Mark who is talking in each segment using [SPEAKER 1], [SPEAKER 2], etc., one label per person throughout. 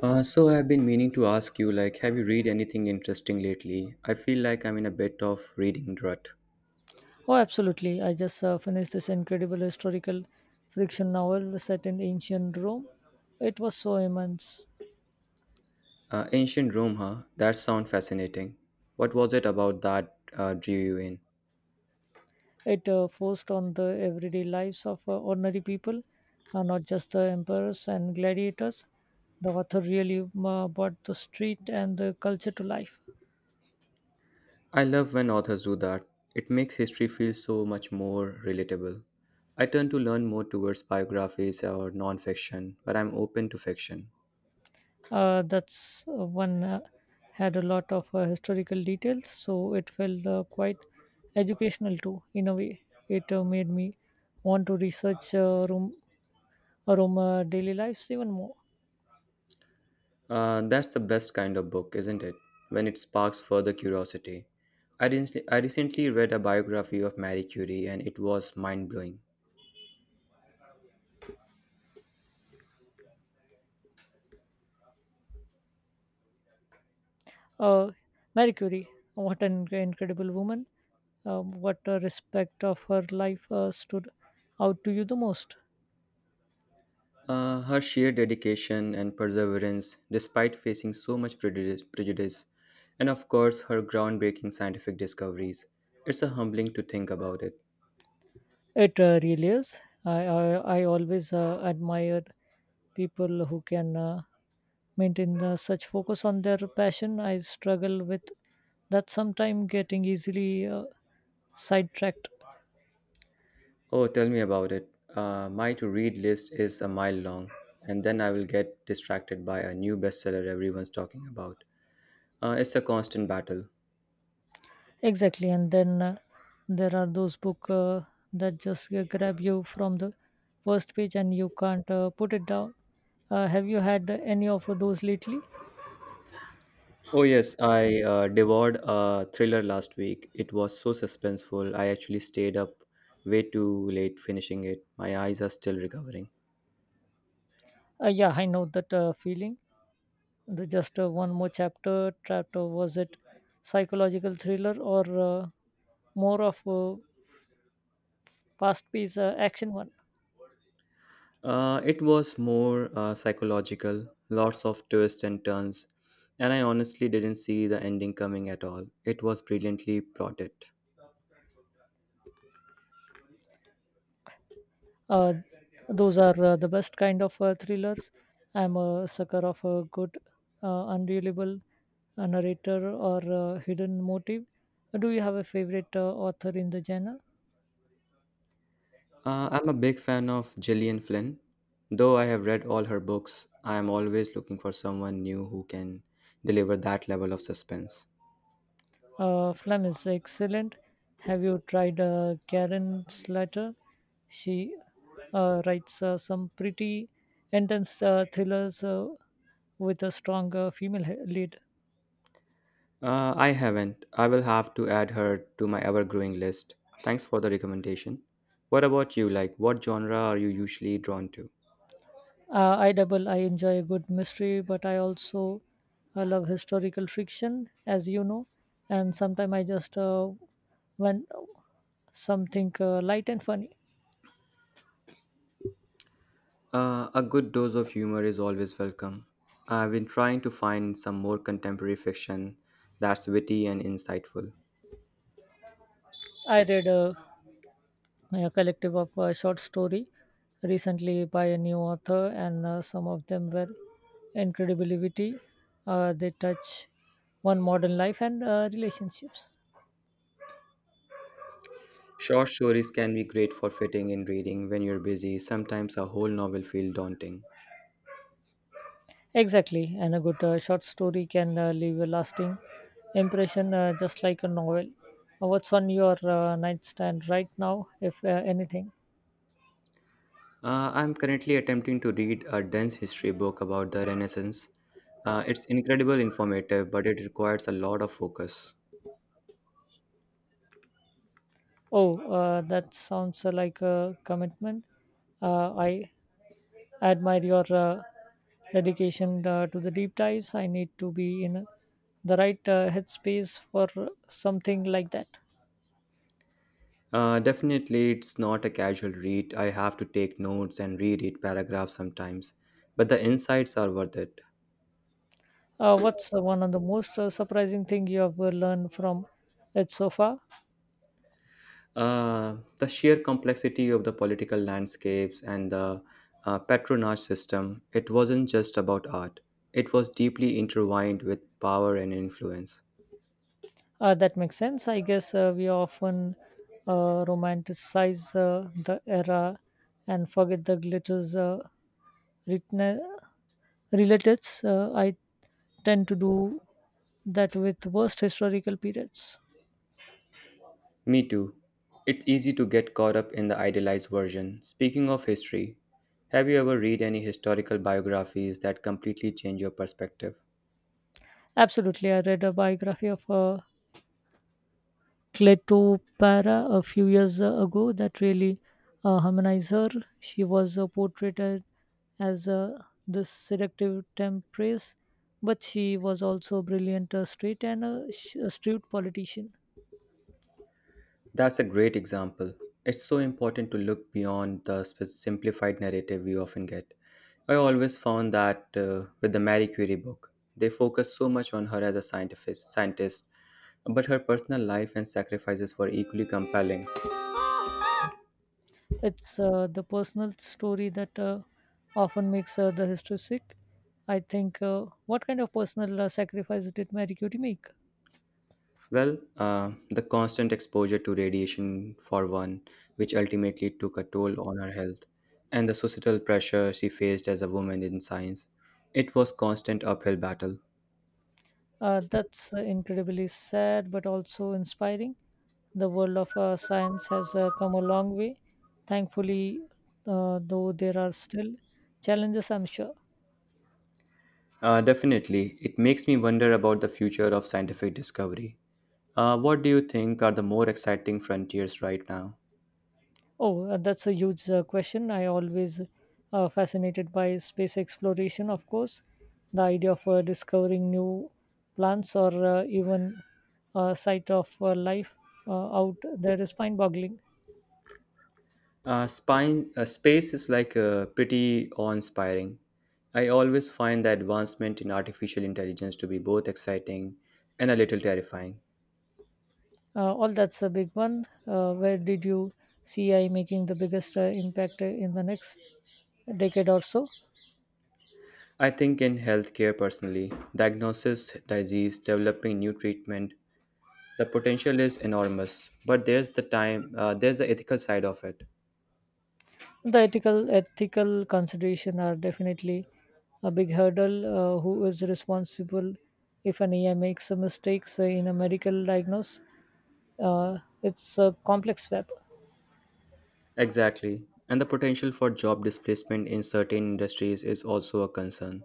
[SPEAKER 1] So I've been meaning to ask you, like, have you read anything interesting lately? I feel like I'm in a bit of reading rut.
[SPEAKER 2] Oh, absolutely. I just finished this incredible historical fiction novel set in ancient Rome. It was so immense.
[SPEAKER 1] Ancient Rome, huh? That sounds fascinating. What was it about that drew you in?
[SPEAKER 2] It forced on the everyday lives of ordinary people, not just the emperors and gladiators. The author really brought the street and the culture to life.
[SPEAKER 1] I love when authors do that. It makes history feel so much more relatable. I tend to learn more towards biographies or non-fiction, but I'm open to fiction.
[SPEAKER 2] That's one had a lot of historical details, so it felt quite educational too. In a way, it made me want to research Rome daily lives even more.
[SPEAKER 1] That's the best kind of book, isn't it? When it sparks further curiosity. I recently read a biography of Marie Curie and it was mind blowing.
[SPEAKER 2] Uh, Marie Curie, what an incredible woman! What a respect of her life stood out to you the most.
[SPEAKER 1] Her sheer dedication and perseverance, despite facing so much prejudice, and of course, her groundbreaking scientific discoveries. It's a humbling to think about it.
[SPEAKER 2] It really is. I always admire people who can maintain such focus on their passion. I struggle with that sometime getting easily sidetracked.
[SPEAKER 1] Oh, tell me about it. My to read list is a mile long, and then I will get distracted by a new bestseller everyone's talking about. It's a constant battle.
[SPEAKER 2] Exactly, and then there are those book that just grab you from the first page and you can't put it down. Have you had any of those lately?
[SPEAKER 1] Oh, yes, I devoured a thriller last week. It was so suspenseful. I actually stayed up way too late finishing it. My eyes are still recovering.
[SPEAKER 2] Yeah, I know that feeling. The just one more chapter trapped. Was it psychological thriller or more of a fast-paced action one?
[SPEAKER 1] It was more psychological, lots of twists and turns, and I honestly didn't see the ending coming at all. It was brilliantly plotted.
[SPEAKER 2] Uh, those are the best kind of thrillers. I'm a sucker of a good, unreliable narrator or hidden motive. Do you have a favorite author in the genre?
[SPEAKER 1] I'm a big fan of Gillian Flynn. Though I have read all her books, I am always looking for someone new who can deliver that level of suspense.
[SPEAKER 2] Flem is excellent. Have you tried Karen Slater? She writes some pretty intense thrillers with a strong lead.
[SPEAKER 1] I haven't. I will have to add her to my ever growing list. Thanks for the recommendation. What about you? Like, what genre are you usually drawn to?
[SPEAKER 2] I double. I enjoy a good mystery, but I also I love historical fiction, as you know. And sometimes I just when something light and funny.
[SPEAKER 1] A good dose of humor is always welcome. I've been trying to find some more contemporary fiction that's witty and insightful.
[SPEAKER 2] I read a collective of short story recently by a new author, and some of them were incredibly witty. They touch one modern life and relationships.
[SPEAKER 1] Short stories can be great for fitting in reading when you're busy. Sometimes a whole novel feels daunting.
[SPEAKER 2] Exactly, and a good short story can leave a lasting impression just like a novel. What's on your nightstand right now, if anything?
[SPEAKER 1] I'm currently attempting to read a dense history book about the Renaissance. It's incredibly informative, but it requires a lot of focus.
[SPEAKER 2] Oh, that sounds like a commitment. I admire your dedication to the deep dives. I need to be in the right headspace for something like that.
[SPEAKER 1] Definitely, it's not a casual read. I have to take notes and reread paragraphs sometimes, but the insights are worth it.
[SPEAKER 2] What's one of the most surprising thing you have learned from it so far?
[SPEAKER 1] The sheer complexity of the political landscapes and the patronage system, it wasn't just about art, it was deeply intertwined with power and influence.
[SPEAKER 2] That makes sense. I guess we often romanticize the era and forget the glitters written- relatives. I tend to do that with worst historical periods.
[SPEAKER 1] Me too. It's easy to get caught up in the idealized version. Speaking of history, have you ever read any historical biographies that completely change your perspective?
[SPEAKER 2] Absolutely. I read a biography of Cleopatra a few years ago that really harmonized her. She was portrayed as this seductive temptress, but she was also a brilliant, straight, and a astute politician.
[SPEAKER 1] That's a great example. It's so important to look beyond the simplified narrative we often get. I always found that with the Marie Curie book, they focus so much on her as a scientist, but her personal life and sacrifices were equally compelling.
[SPEAKER 2] It's the personal story that often makes the history sick. I think, what kind of personal sacrifice did Mary Curie make?
[SPEAKER 1] Well, the constant exposure to radiation, for one, which ultimately took a toll on her health, and the societal pressure she faced as a woman in science. It was constant uphill battle.
[SPEAKER 2] That's incredibly sad, but also inspiring. The world of science has come a long way, thankfully, though there are still challenges, I'm sure.
[SPEAKER 1] Definitely, it makes me wonder about the future of scientific discovery. What do you think are the more exciting frontiers right now?
[SPEAKER 2] Oh, that's a huge question. I always fascinated by space exploration, of course. The idea of discovering new plants or even sight of life out there is mind-boggling.
[SPEAKER 1] Space is like pretty awe-inspiring. I always find the advancement in artificial intelligence to be both exciting and a little terrifying.
[SPEAKER 2] All that's a big one. Where did you see AI making the biggest impact in the next decade or so?
[SPEAKER 1] I think in healthcare personally, diagnosis, disease, developing new treatment, the potential is enormous, but there's the ethical side of it.
[SPEAKER 2] The ethical consideration are definitely a big hurdle. Who is responsible if an AI makes a mistakes in a medical diagnosis? uh, it's a complex web.
[SPEAKER 1] Exactly. And the potential for job displacement in certain industries is also a concern.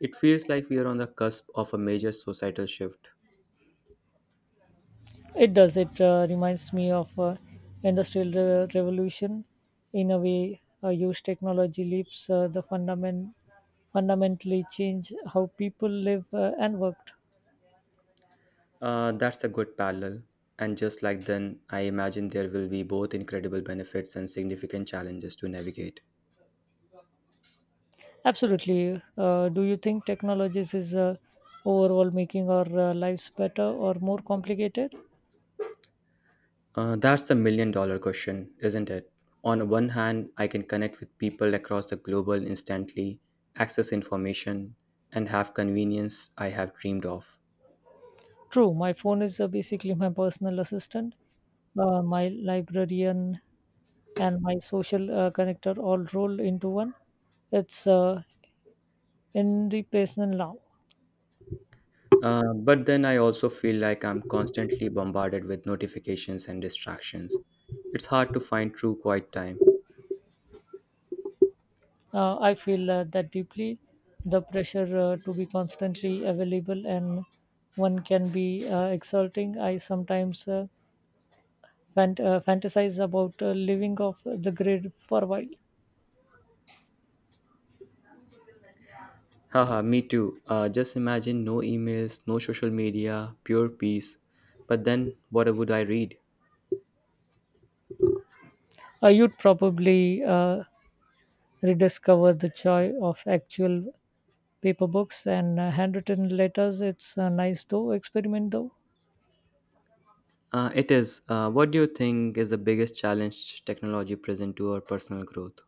[SPEAKER 1] It feels like we are on the cusp of a major societal shift.
[SPEAKER 2] It does. It reminds me of revolution in a way. Huge technology leaps the fundamentally change how people live and worked.
[SPEAKER 1] That's a good parallel. And just like then, I imagine there will be both incredible benefits and significant challenges to navigate.
[SPEAKER 2] Absolutely. Do you think technologies is overall making our lives better or more complicated?
[SPEAKER 1] That's a million dollar question, isn't it? On one hand, I can connect with people across the globe instantly, access information, and have convenience I have dreamed of.
[SPEAKER 2] True, my phone is basically my personal assistant, my librarian, and my social connector all rolled into one. It's in the present now.
[SPEAKER 1] But then I also feel like I'm constantly bombarded with notifications and distractions. It's hard to find true quiet time.
[SPEAKER 2] I feel that deeply. The pressure to be constantly available and one can be exulting. I sometimes fantasize about living off the grid for a while.
[SPEAKER 1] Haha, me too. Just imagine no emails, no social media, pure peace. But then, what would I read?
[SPEAKER 2] You'd probably rediscover the joy of actual paper books and handwritten letters. It's a nice though experiment though.
[SPEAKER 1] It is. What do you think is the biggest challenge technology present to our personal growth?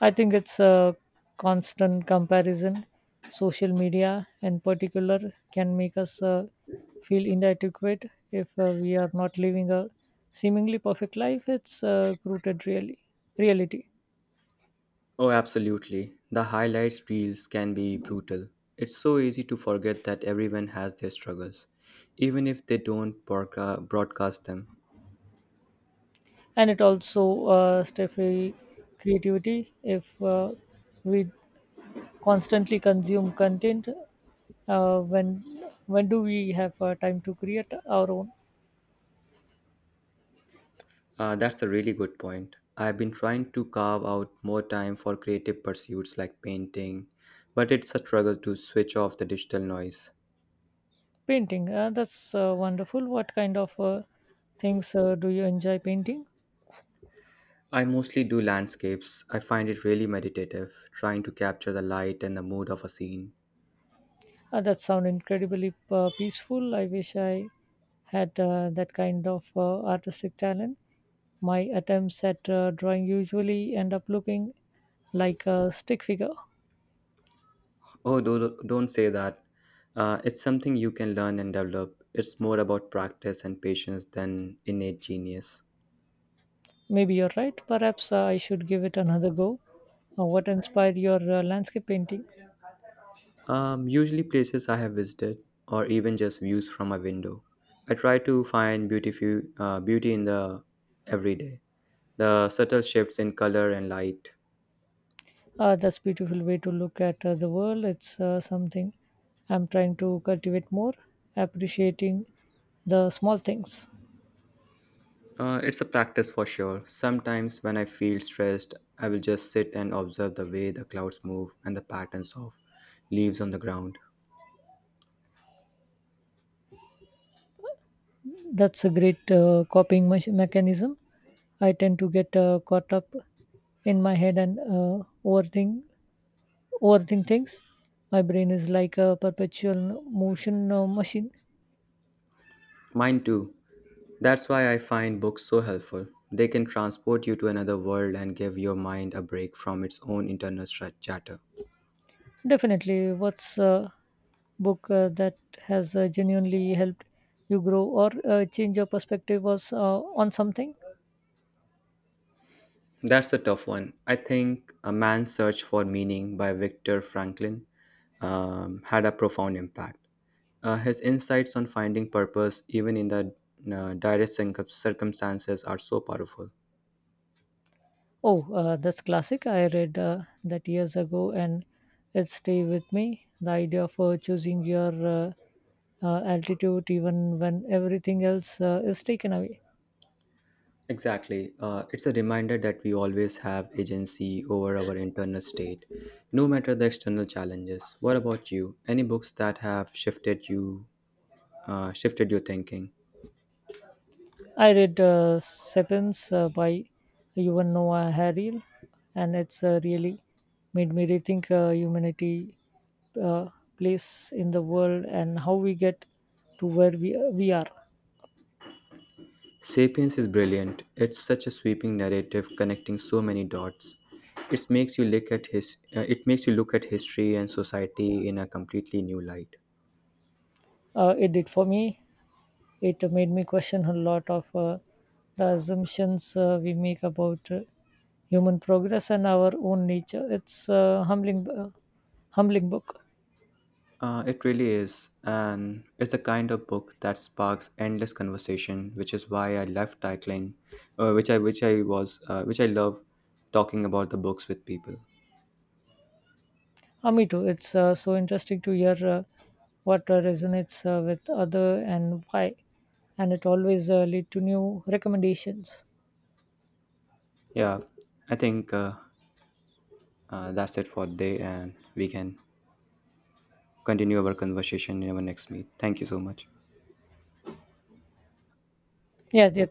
[SPEAKER 2] I think it's a constant comparison. Social media, in particular, can make us feel inadequate if we are not living a seemingly perfect life. It's rooted really reality.
[SPEAKER 1] Oh, absolutely. The highlights reels can be brutal. It's so easy to forget that everyone has their struggles, even if they don't broadcast them.
[SPEAKER 2] And it also stifles creativity if we constantly consume content uh, when when do we have time to create our own.
[SPEAKER 1] That's a really good point. I've been trying to carve out more time for creative pursuits like painting, but it's a struggle to switch off the digital noise.
[SPEAKER 2] Painting that's wonderful. What kind of things do you enjoy painting?
[SPEAKER 1] I mostly do landscapes. I find it really meditative, trying to capture the light and the mood of a scene.
[SPEAKER 2] That sound incredibly peaceful. I wish I had that kind of artistic talent. My attempts at drawing usually end up looking like a stick figure.
[SPEAKER 1] Don't say that. It's something you can learn and develop. It's more about practice and patience than innate genius.
[SPEAKER 2] Maybe you're right. Perhaps I should give it another go. What inspired your landscape painting?
[SPEAKER 1] Usually, places I have visited, or even just views from a window. I try to find beautiful beauty in the everyday, the subtle shifts in color and light.
[SPEAKER 2] That's beautiful way to look at the world. It's something I'm trying to cultivate more, appreciating the small things.
[SPEAKER 1] It's a practice for sure. Sometimes when I feel stressed, I will just sit and observe the way the clouds move and the patterns of leaves on the ground.
[SPEAKER 2] That's a great copying mechanism. I tend to get caught up in my head and overthink things. My brain is like a perpetual motion machine.
[SPEAKER 1] Mine too. That's why I find books so helpful. They can transport you to another world and give your mind a break from its own internal chatter.
[SPEAKER 2] Definitely, what's book that has genuinely helped you grow or change your perspective was on something?
[SPEAKER 1] That's a tough one. I think A Man's Search for Meaning by Viktor Franklin had a profound impact. His insights on finding purpose, even in the direst circumstances, are so powerful.
[SPEAKER 2] Oh, that's classic. I read that years ago and it stayed with me. The idea of choosing your altitude even when everything else is taken away.
[SPEAKER 1] Exactly. It's a reminder that we always have agency over our internal state, no matter the external challenges. What about you? Any books that have shifted your thinking?
[SPEAKER 2] I read Sapiens by Yuval Noah Harari, and it's really made me rethink humanity uh, place in the world and how we get to where we are.
[SPEAKER 1] *Sapiens* is brilliant. It's such a sweeping narrative connecting so many dots. It makes you look at history and society in a completely new light.
[SPEAKER 2] It did for me. It made me question a lot of the assumptions we make about human progress and our own nature. It's a humbling book.
[SPEAKER 1] It really is, and it's the kind of book that sparks endless conversation, which is why I left cycling, which I love talking about the books with people.
[SPEAKER 2] Me too. It's so interesting to hear what resonates with other and why, and it always lead to new recommendations.
[SPEAKER 1] Yeah, I think that's it for today, and we can continue our conversation in our next meet. Thank you so much.
[SPEAKER 2] Yeah, yeah.